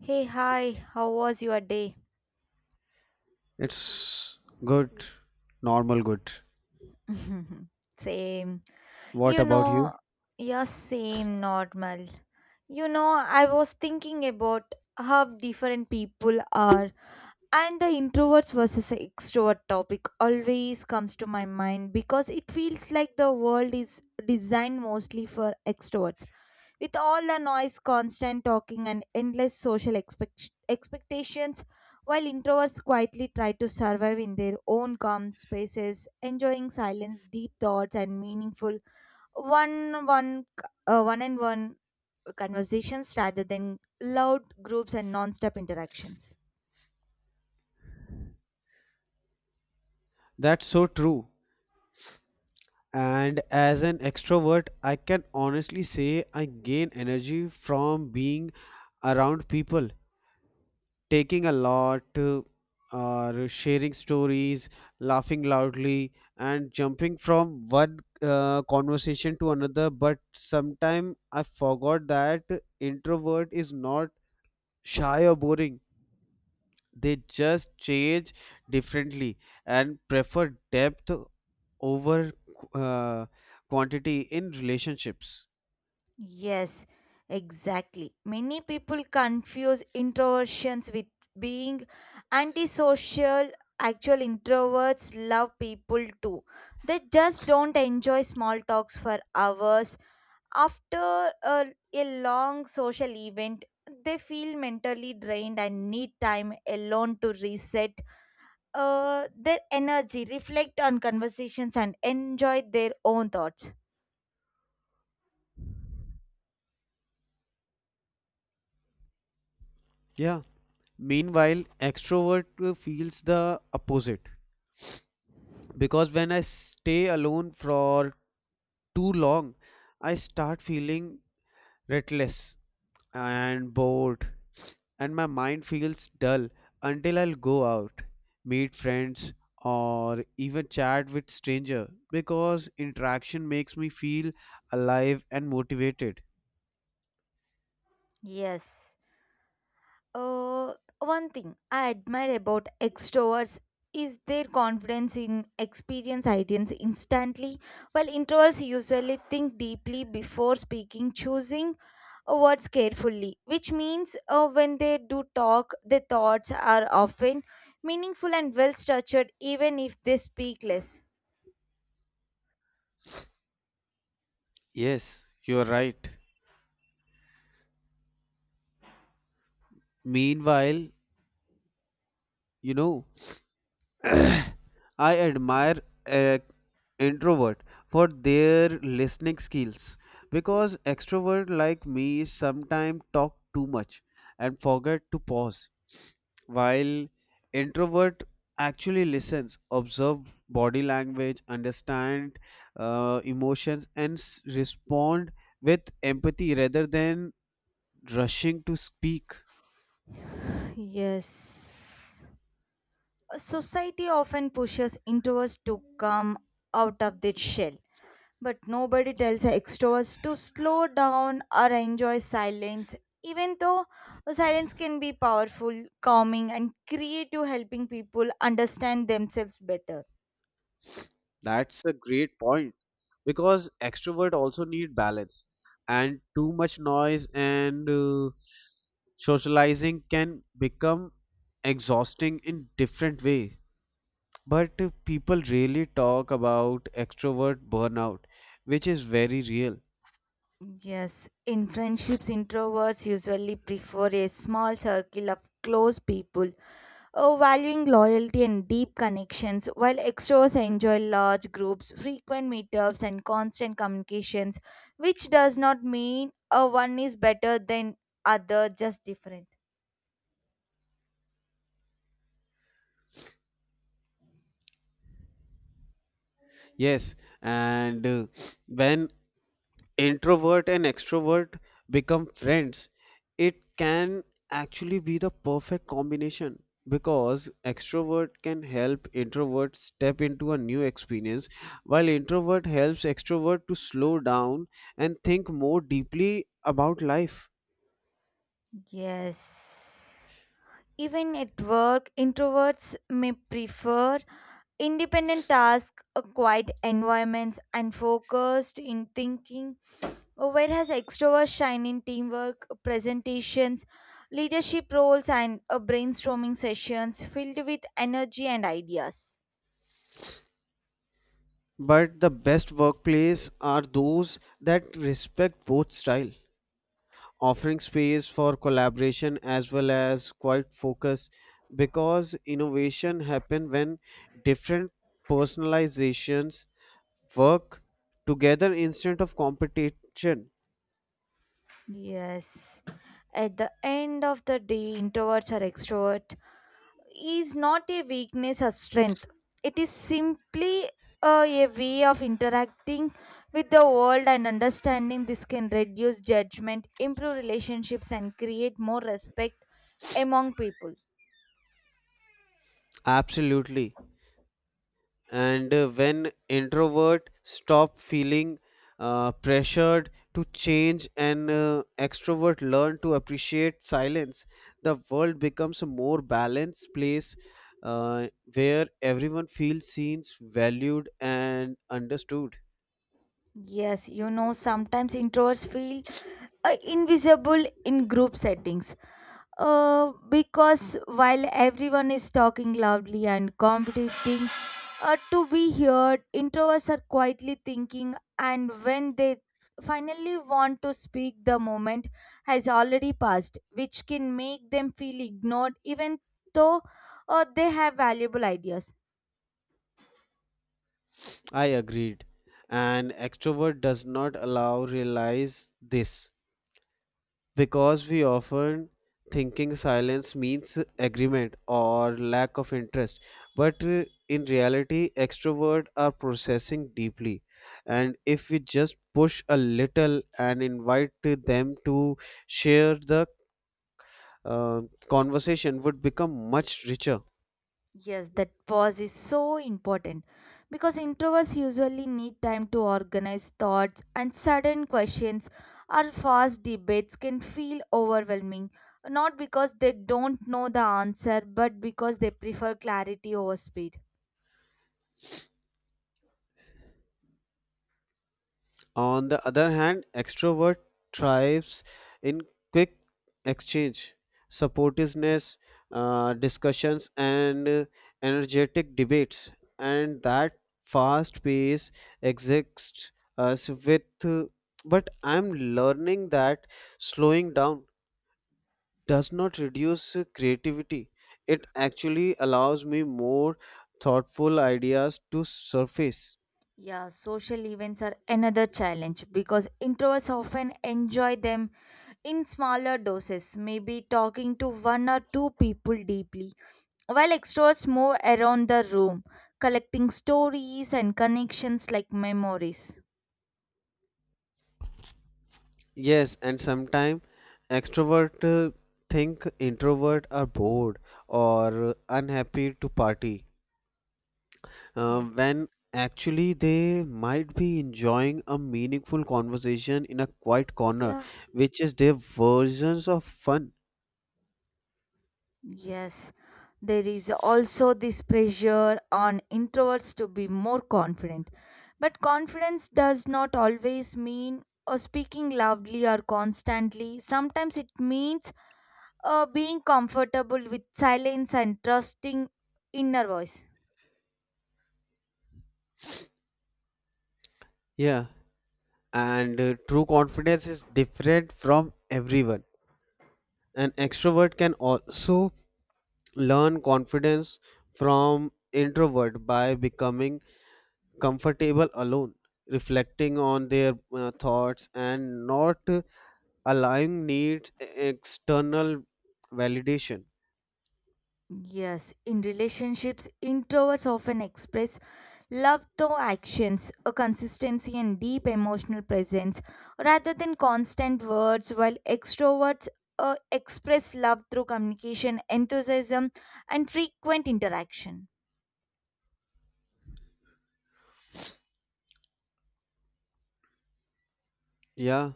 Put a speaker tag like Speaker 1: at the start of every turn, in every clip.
Speaker 1: Hey, hi, how was your day?
Speaker 2: It's good, normal good.
Speaker 1: Same.
Speaker 2: What
Speaker 1: You
Speaker 2: about you?
Speaker 1: know, yeah, same, normal. I was thinking about how different people are. And the introverts versus extrovert topic always comes to my mind because it feels like the world is designed mostly for extroverts. With all the noise, constant talking, and endless social expectations, while introverts quietly try to survive in their own calm spaces, enjoying silence, deep thoughts, and meaningful one one one and one conversations rather than loud groups and non-stop interactions.
Speaker 2: That's so true. And as an extrovert, I can honestly say I gain energy from being around people, taking a lot, or sharing stories, laughing loudly, and jumping from one conversation to another. But sometimes I forgot that introvert is not shy or boring. They just change differently and prefer depth over uh, quantity in relationships.
Speaker 1: Yes, exactly. Many people confuse introversions with being antisocial. Actual introverts love people too. They just don't enjoy small talks for hours. After a long social event, they feel mentally drained and need time alone to reset their energy, reflect on conversations, and enjoy their own thoughts.
Speaker 2: Yeah, meanwhile, extrovert feels the opposite because when I stay alone for too long, I start feeling restless and bored, and my mind feels dull until I'll go out, meet friends, or even chat with stranger because interaction makes me feel alive and motivated.
Speaker 1: Yes. Uh, one thing I admire about extroverts is their confidence in experience ideas instantly, while introverts usually think deeply before speaking, choosing words carefully, which means when they do talk, their thoughts are often meaningful and well structured, even if they speak less.
Speaker 2: Yes, you're right. Meanwhile, you know, I admire uh, introvert for their listening skills because extrovert like me sometimes talk too much and forget to pause, while introvert actually listens, observe body language, understand emotions, and respond with empathy rather than rushing to speak.
Speaker 1: Yes. Society often pushes introverts to come out of their shell. But nobody tells extroverts to slow down or enjoy silence, even though silence can be powerful, calming, and creative, helping people understand themselves better.
Speaker 2: That's a great point because extrovert also need balance, and too much noise and socializing can become exhausting in different way. But people really talk about extrovert burnout, which is very real.
Speaker 1: Yes, in friendships, introverts usually prefer a small circle of close people. Valuing loyalty and deep connections, while extroverts enjoy large groups, frequent meetups, and constant communications, which does not mean one is better than other, just different.
Speaker 2: Yes, and when introvert and extrovert become friends, it can actually be the perfect combination because extrovert can help introvert step into a new experience, while introvert helps extrovert to slow down and think more deeply about life.
Speaker 1: Yes. Even at work, introverts may prefer independent tasks, a quiet environments, and focused in thinking, whereas extroverts shine in teamwork, presentations, leadership roles, and brainstorming sessions filled with energy and ideas.
Speaker 2: But the best workplace are those that respect both style, offering space for collaboration as well as quiet focus, because innovation happen when different personalizations work together instead of competition.
Speaker 1: Yes. At the end of the day, introverts are extrovert is not a weakness or strength. It is simply a way of interacting with the world, and understanding this can reduce judgment, improve relationships, and create more respect among people.
Speaker 2: Absolutely. And when introvert stop feeling pressured to change and extrovert learn to appreciate silence, the world becomes a more balanced place, uh, where everyone feels seen, valued, and understood.
Speaker 1: Yes, sometimes introverts feel invisible in group settings. Because while everyone is talking loudly and competing to be heard, introverts are quietly thinking, and when they finally want to speak, the moment has already passed, which can make them feel ignored even though they have valuable ideas.
Speaker 2: I agreed, and extrovert does not allow realize this because we often thinking silence means agreement or lack of interest, but in reality extroverts are processing deeply, and if we just push a little and invite them to share, the uh, conversation would become much richer.
Speaker 1: Yes, that pause is so important because introverts usually need time to organize thoughts, and sudden questions or fast debates can feel overwhelming. Not because they don't know the answer, but because they prefer clarity over speed.
Speaker 2: On the other hand, extrovert thrives in quick exchange, supportiveness, discussions, and energetic debates. And that fast pace exists us with, but I'm learning that slowing down does not reduce creativity. It actually allows me more thoughtful ideas to surface.
Speaker 1: Yeah, social events are another challenge because introverts often enjoy them in smaller doses, maybe talking to one or two people deeply, while extroverts move around the room, collecting stories and connections like memories.
Speaker 2: Yes, and sometimes extrovert think introvert are bored or unhappy to party,
Speaker 1: Yes.
Speaker 2: when actually they might be enjoying a meaningful conversation in a quiet corner,
Speaker 1: Yeah.
Speaker 2: which is their versions of fun.
Speaker 1: Yes, there is also this pressure on introverts to be more confident. But confidence does not always mean speaking loudly or constantly. Sometimes it means being comfortable with silence and trusting inner voice.
Speaker 2: Yeah, and true confidence is different from everyone. An extrovert can also learn confidence from introvert by becoming comfortable alone, reflecting on their thoughts and not allowing needs external validation.
Speaker 1: Yes, in relationships, introverts often express love through actions, a consistency and deep emotional presence, rather than constant words, while extroverts express love through communication, enthusiasm, and frequent interaction.
Speaker 2: Yeah,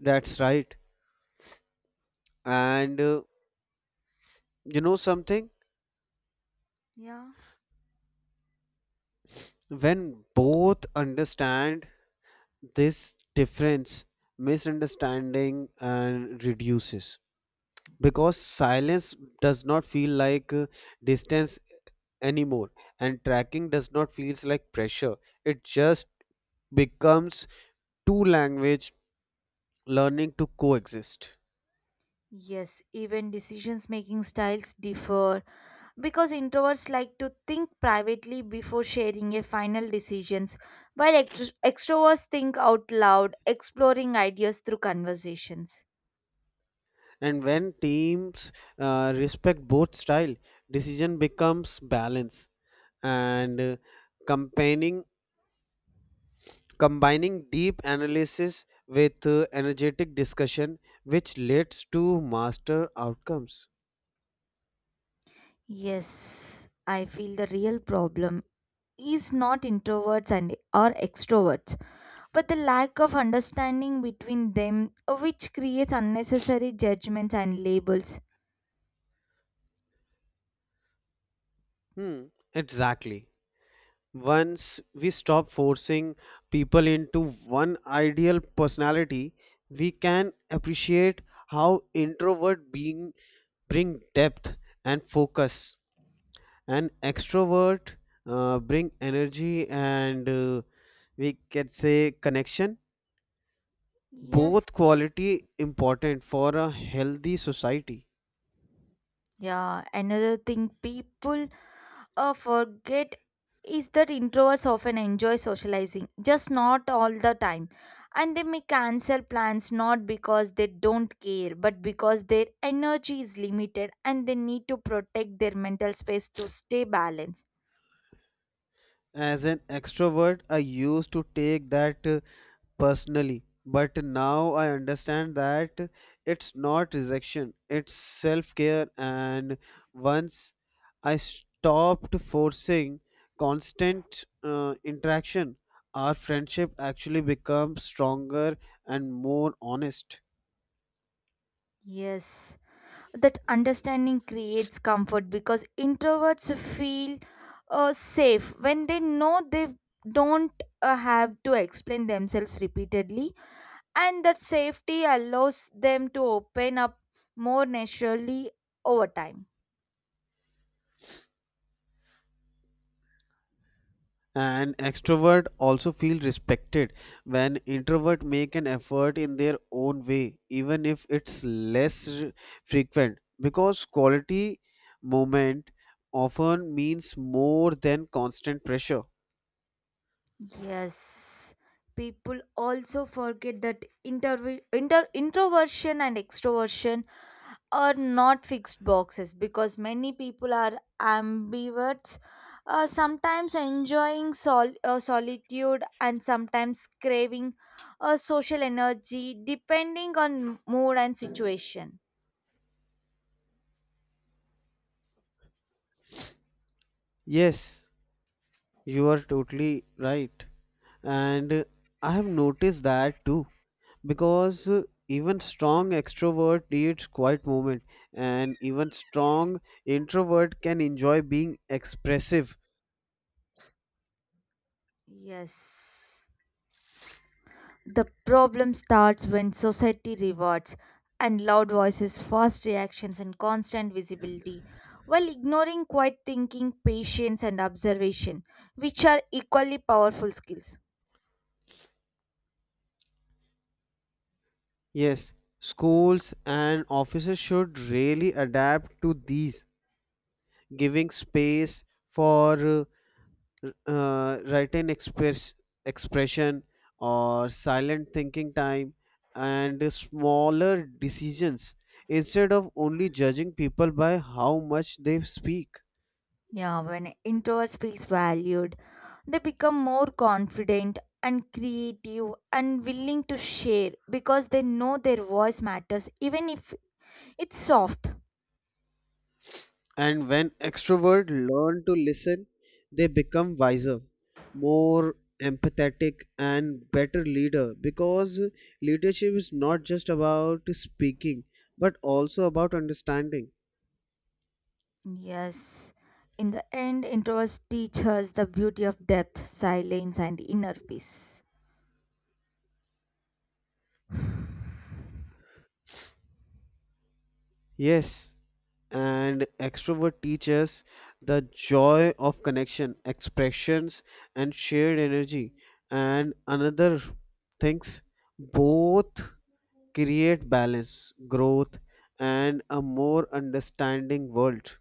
Speaker 2: that's right. And you know something?
Speaker 1: Yeah.
Speaker 2: When both understand this difference, misunderstanding and reduces because silence does not feel like distance anymore, and tracking does not feels like pressure. It just becomes two language learning to coexist.
Speaker 1: Yes, even decisions making styles differ because introverts like to think privately before sharing a final decisions, while extroverts think out loud exploring ideas through conversations.
Speaker 2: And when teams respect both style, decision becomes balance, and combining combining deep analysis with energetic discussion, which leads to master outcomes.
Speaker 1: Yes, I feel the real problem is not introverts and or extroverts but the lack of understanding between them, which creates unnecessary judgments and labels.
Speaker 2: Hmm, exactly. Once we stop forcing people into one ideal personality, we can appreciate how introvert being bring depth and focus. An extrovert bring energy and, we can say, connection. Both
Speaker 1: Yes.
Speaker 2: quality important for a healthy society.
Speaker 1: Yeah, another thing people forget is that introverts often enjoy socializing, just not all the time. And they may cancel plans not because they don't care, but because their energy is limited and they need to protect their mental space to stay balanced.
Speaker 2: As an extrovert, I used to take that personally, but now I understand that it's not rejection, it's self care. And once I stopped forcing constant interaction, our friendship actually becomes stronger and more honest.
Speaker 1: Yes, that understanding creates comfort because introverts feel safe when they know they don't have to explain themselves repeatedly, and that safety allows them to open up more naturally over time.
Speaker 2: And extrovert also feel respected when introvert make an effort in their own way, even if it's less frequent, because quality moment often means more than constant pressure.
Speaker 1: Yes, people also forget that introversion and extroversion are not fixed boxes because many people are ambiverts, sometimes enjoying solitude and sometimes craving social energy depending on mood and situation.
Speaker 2: Yes, you are totally right, and I have noticed that too, because even strong extrovert needs quiet moment, and even strong introvert can enjoy being expressive.
Speaker 1: Yes. The problem starts when society rewards and loud voices, fast reactions, and constant visibility, while ignoring quiet thinking, patience, and observation, which are equally powerful skills.
Speaker 2: Yes, schools and offices should really adapt to these, giving space for written expression or silent thinking time and smaller decisions, instead of only judging people by how much they speak.
Speaker 1: Yeah, when introverts feels valued, they become more confident and creative and willing to share because they know their voice matters even if it's soft.
Speaker 2: And when extroverts learn to listen, they become wiser, more empathetic, and better leader, because leadership is not just about speaking but also about understanding.
Speaker 1: Yes. In the end, introverts teach us the beauty of depth, silence, and inner peace.
Speaker 2: Yes, and extrovert teaches the joy of connection, expressions, and shared energy. And another things, both create balance, growth, and a more understanding world.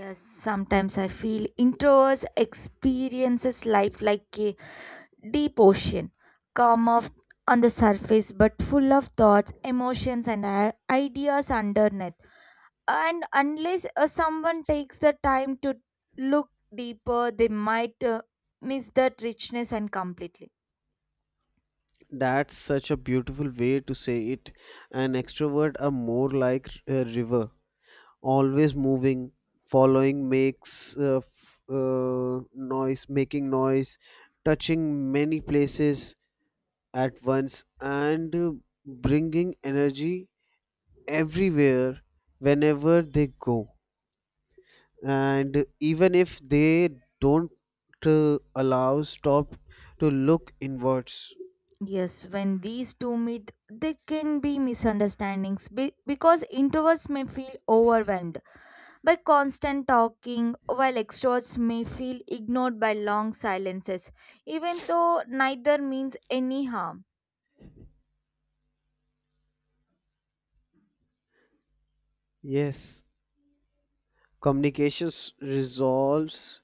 Speaker 1: Yes, sometimes I feel introverts experiences life like a deep ocean, calm off on the surface but full of thoughts, emotions, and ideas underneath. And unless someone takes the time to look deeper, they might miss that richness and completely.
Speaker 2: That's such a beautiful way to say it. An extrovert are more like a river, always moving, following makes noise, making noise, touching many places at once, and bringing energy everywhere whenever they go. And even if they don't allow stop to look inwards.
Speaker 1: Yes, when these two meet, there can be misunderstandings because introverts may feel overwhelmed by constant talking, while extroverts may feel ignored by long silences, even though neither means any harm.
Speaker 2: Yes, communications resolves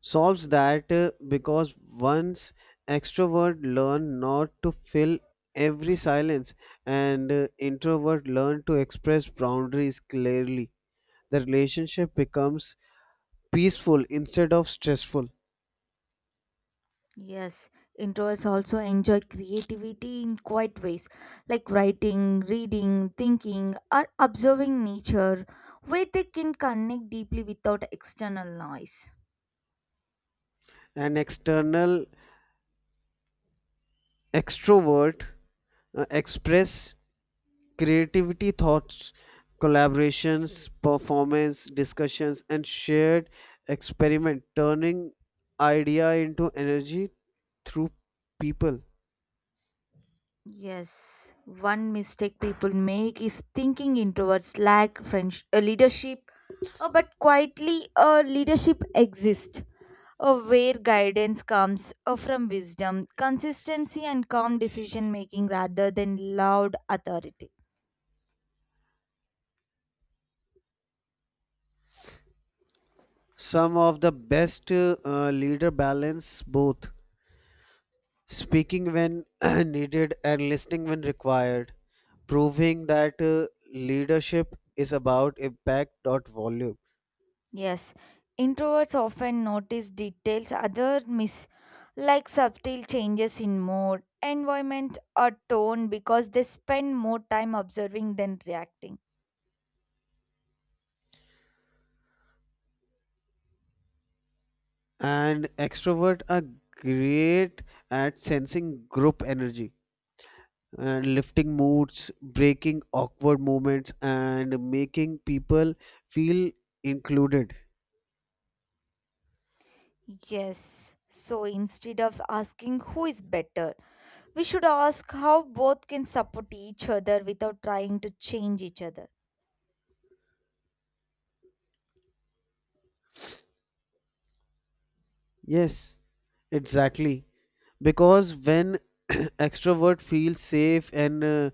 Speaker 2: solves that, because once extrovert learn not to fill every silence, and introvert learn to express boundaries clearly, the relationship becomes peaceful instead of stressful.
Speaker 1: Yes, introverts also enjoy creativity in quiet ways, like writing, reading, thinking, or observing nature, where they can connect deeply without external noise.
Speaker 2: An external extrovert express creativity, thoughts, collaborations, performance, discussions, and shared experiment, turning idea into energy through people.
Speaker 1: Yes, one mistake people make is thinking introverts lack French leadership, but quietly, leadership exists. Where guidance comes from wisdom, consistency, and calm decision making rather than loud authority.
Speaker 2: Some of the best leader balance both speaking when needed and listening when required, proving that leadership is about impact, not volume.
Speaker 1: Yes, introverts often notice details other miss, like subtle changes in mood, environment, or tone because they spend more time observing than reacting.
Speaker 2: And extrovert are great at sensing group energy and lifting moods, breaking awkward moments, and making people feel included.
Speaker 1: Yes. So instead of asking who is better, we should ask how both can support each other without trying to change each other.
Speaker 2: Yes, exactly. Because when extrovert feels safe and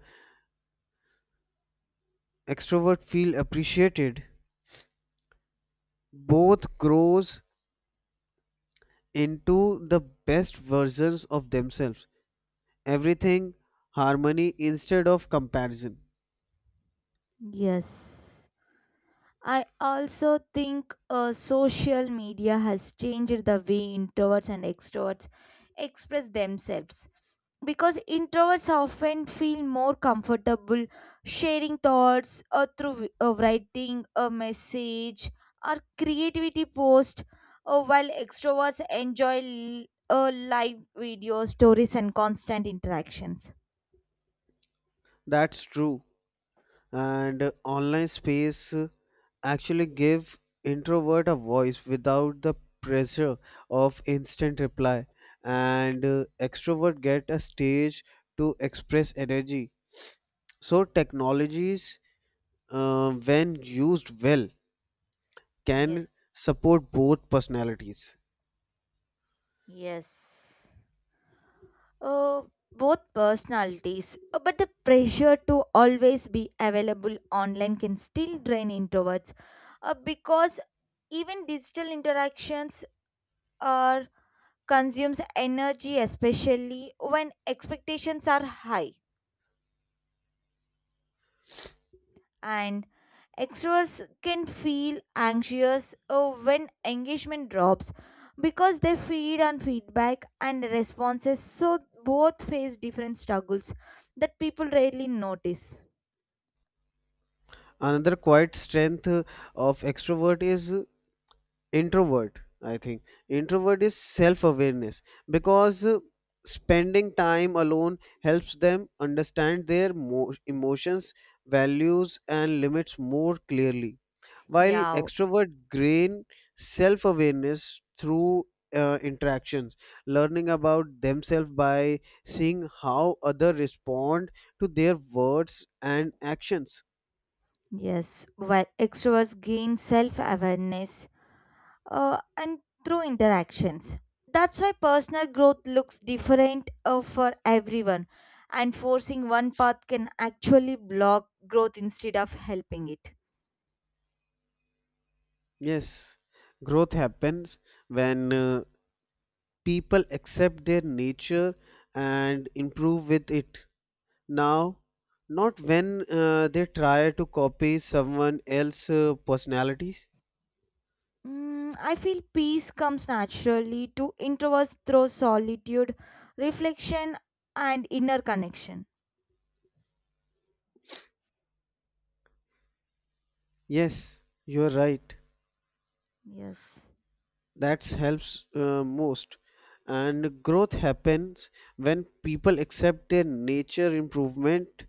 Speaker 2: extrovert feel appreciated, both grows into the best versions of themselves. Everything harmony instead of comparison.
Speaker 1: Yes. I also think social media has changed the way introverts and extroverts express themselves, because introverts often feel more comfortable sharing thoughts through writing a message or creativity post, while extroverts enjoy live video stories and constant interactions.
Speaker 2: That's true. And online space actually give introvert a voice without the pressure of instant reply, and extrovert get a stage to express energy, so technologies, when used well, can
Speaker 1: Yes,
Speaker 2: support both personalities.
Speaker 1: yes. Oh, both personalities. But the pressure to always be available online can still drain introverts because even digital interactions are consumes energy, especially when expectations are high. And extroverts can feel anxious when engagement drops because they feed on feedback and responses, so both face different struggles that people rarely notice.
Speaker 2: Another quiet strength of extrovert is introvert. I think introvert is self awareness because spending time alone helps them understand their emotions, values, and limits more clearly, while
Speaker 1: Yeah.
Speaker 2: extrovert gain self awareness through interactions, learning about themselves by seeing how others respond to their words and actions.
Speaker 1: Yes, while extroverts gain self-awareness and through interactions. That's why personal growth looks different for everyone, and forcing one path can actually block growth instead of helping it.
Speaker 2: Yes, growth happens when people accept their nature and improve with it now, not when they try to copy someone else's personalities.
Speaker 1: I feel peace comes naturally to introverts through solitude, reflection, and inner connection.
Speaker 2: Yes, you are right.
Speaker 1: Yes.
Speaker 2: That helps most, and growth happens when people accept their nature improvement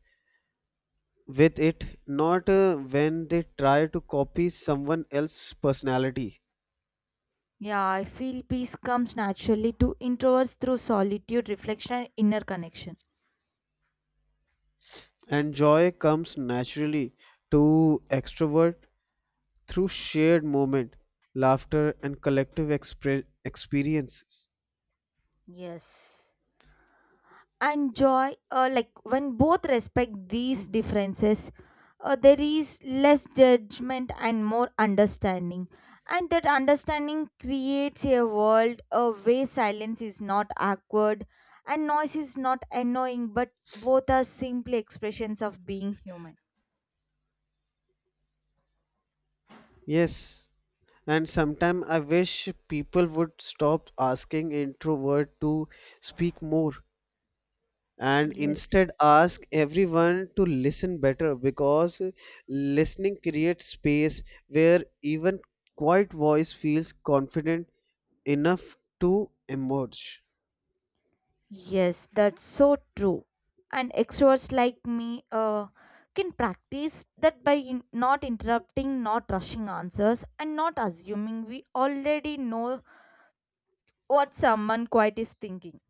Speaker 2: with it, not when they try to copy someone else's personality.
Speaker 1: Yeah, I feel peace comes naturally to introverts through solitude, reflection, and inner connection.
Speaker 2: And joy comes naturally to extrovert through shared moment, laughter, and collective experiences.
Speaker 1: Yes. And joy, like, when both respect these differences, there is less judgment and more understanding, and that understanding creates a world where silence is not awkward and noise is not annoying, but both are simply expressions of being human.
Speaker 2: Yes, and sometimes I wish people would stop asking introvert to speak more, and
Speaker 1: Yes.
Speaker 2: instead ask everyone to listen better, because listening creates space where even quiet voice feels confident enough to emerge.
Speaker 1: Yes, that's so true. And extroverts like me can practice that by not interrupting, not rushing answers, and not assuming we already know what someone quite is thinking.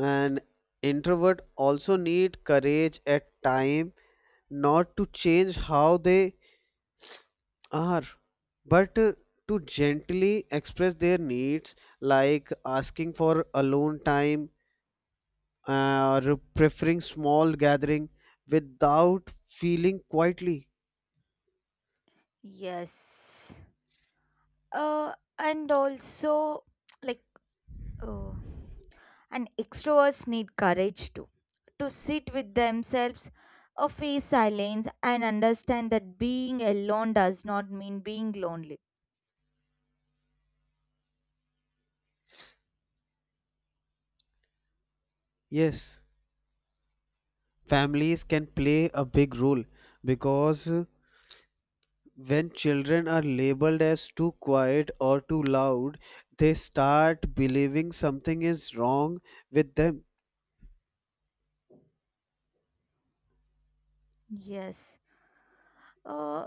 Speaker 2: And introvert also need courage at time, not to change how they are, but to gently express their needs, like asking for alone time or preferring small gathering without feeling quietly.
Speaker 1: Yes. Uh, and also, like, uh, and extroverts need courage too to sit with themselves, or face silence, and understand that being alone does not mean being lonely.
Speaker 2: Yes, families can play a big role because when children are labeled as too quiet or too loud, they start believing something is wrong with them.
Speaker 1: Yes. Uh,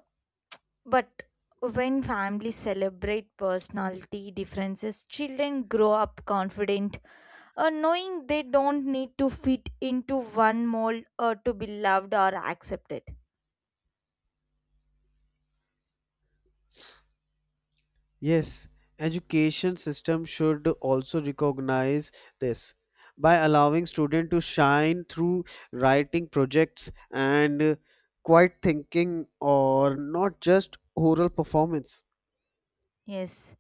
Speaker 1: but when families celebrate personality differences, children grow up confident, knowing they don't need to fit into one mold to be loved or accepted.
Speaker 2: Yes, education system should also recognize this by allowing students to shine through writing projects and quiet thinking, or not just oral performance.
Speaker 1: Yes,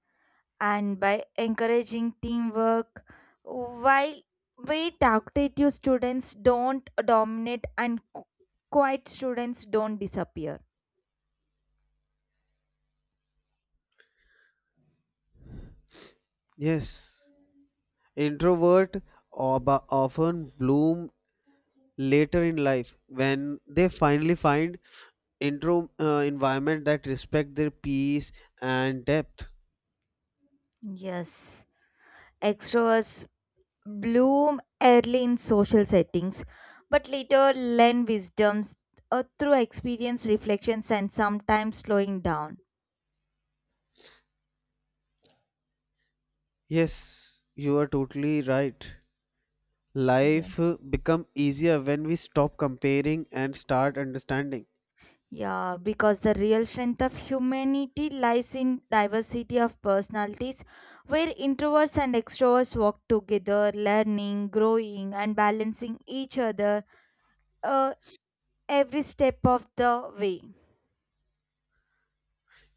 Speaker 1: and by encouraging teamwork, while we talkative students don't dominate and quiet students don't disappear.
Speaker 2: Yes, introvert often bloom later in life when they finally find intro environment that respect their peace and depth.
Speaker 1: Yes, extroverts bloom early in social settings, but later learn wisdoms through experience, reflections, and sometimes slowing down.
Speaker 2: Yes, you are totally right.
Speaker 1: Yes.
Speaker 2: Life become easier when we stop comparing and start understanding.
Speaker 1: Yeah, because the real strength of humanity lies in diversity of personalities, where introverts and extroverts walk together, learning, growing, and balancing each other uh, every step of the way.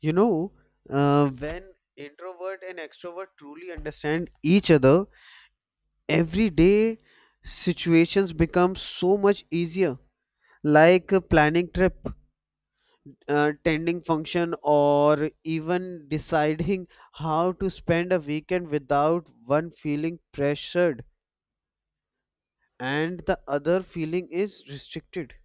Speaker 2: you know uh, when introvert and extrovert truly understand each other, everyday situations become so much easier, like planning trip, attending function, or even deciding how to spend a weekend without one feeling pressured and the other feeling is restricted.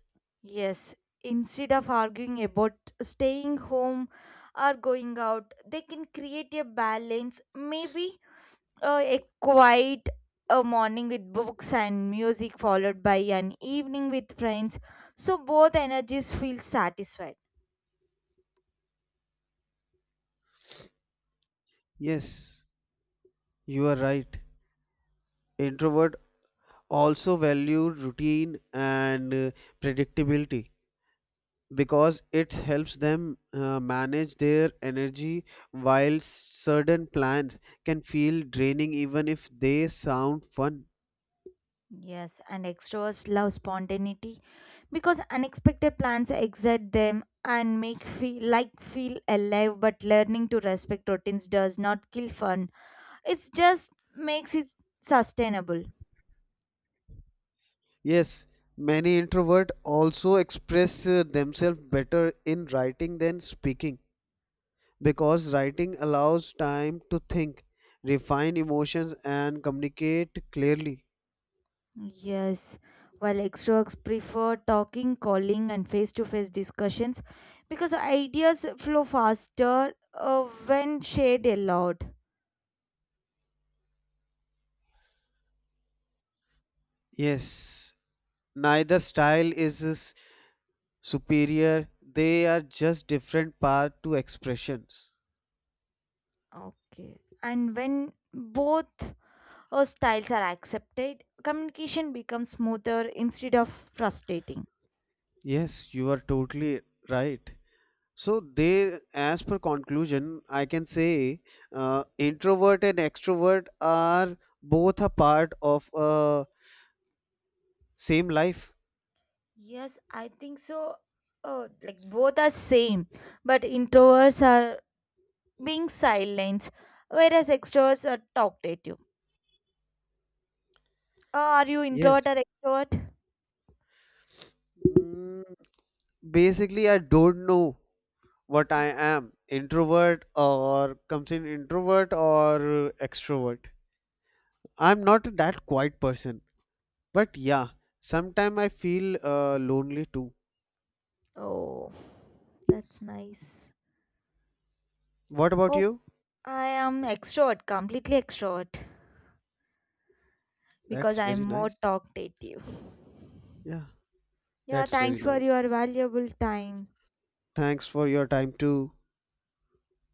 Speaker 1: Yes, instead of arguing about staying home or going out, they can create a balance. Maybe a quiet morning with books and music, followed by an evening with friends, so both energies feel satisfied.
Speaker 2: Yes, you are right. Introvert also value routine and predictability because it helps them manage their energy, while certain plans can feel draining even if they sound fun.
Speaker 1: Yes, and extroverts love spontaneity because unexpected plans excite them and make feel like feel alive. But learning to respect routines does not kill fun. It just makes it sustainable.
Speaker 2: Yes, many introvert also express themselves better in writing than speaking because writing allows time to think, refine emotions, and communicate clearly.
Speaker 1: Yes. While extroverts prefer talking, calling, and face to face discussions because ideas flow faster when shared aloud.
Speaker 2: Yes, neither style is superior, they are just different path to expressions.
Speaker 1: Okay. And when both styles are accepted, communication becomes smoother instead of frustrating.
Speaker 2: Yes, you are totally right. So they, as per conclusion, I can say introvert and extrovert are both a part of a same life.
Speaker 1: Yes, I think so. Like both are same, but introverts are being silent, whereas extroverts are talkative. Are you
Speaker 2: Yes.
Speaker 1: introvert or extrovert?
Speaker 2: Mm, Basically, I don't know what I am, introvert or comes in introvert or extrovert. I'm not that quiet person, but yeah, sometime I feel lonely too.
Speaker 1: Oh, that's nice.
Speaker 2: What about
Speaker 1: Oh,
Speaker 2: you?
Speaker 1: I am extrovert, completely extrovert, because
Speaker 2: That's
Speaker 1: I'm
Speaker 2: very
Speaker 1: more
Speaker 2: nice.
Speaker 1: talkative.
Speaker 2: Yeah,
Speaker 1: Yeah,
Speaker 2: that's very
Speaker 1: thanks for
Speaker 2: nice.
Speaker 1: your valuable time.
Speaker 2: Thanks for your time too.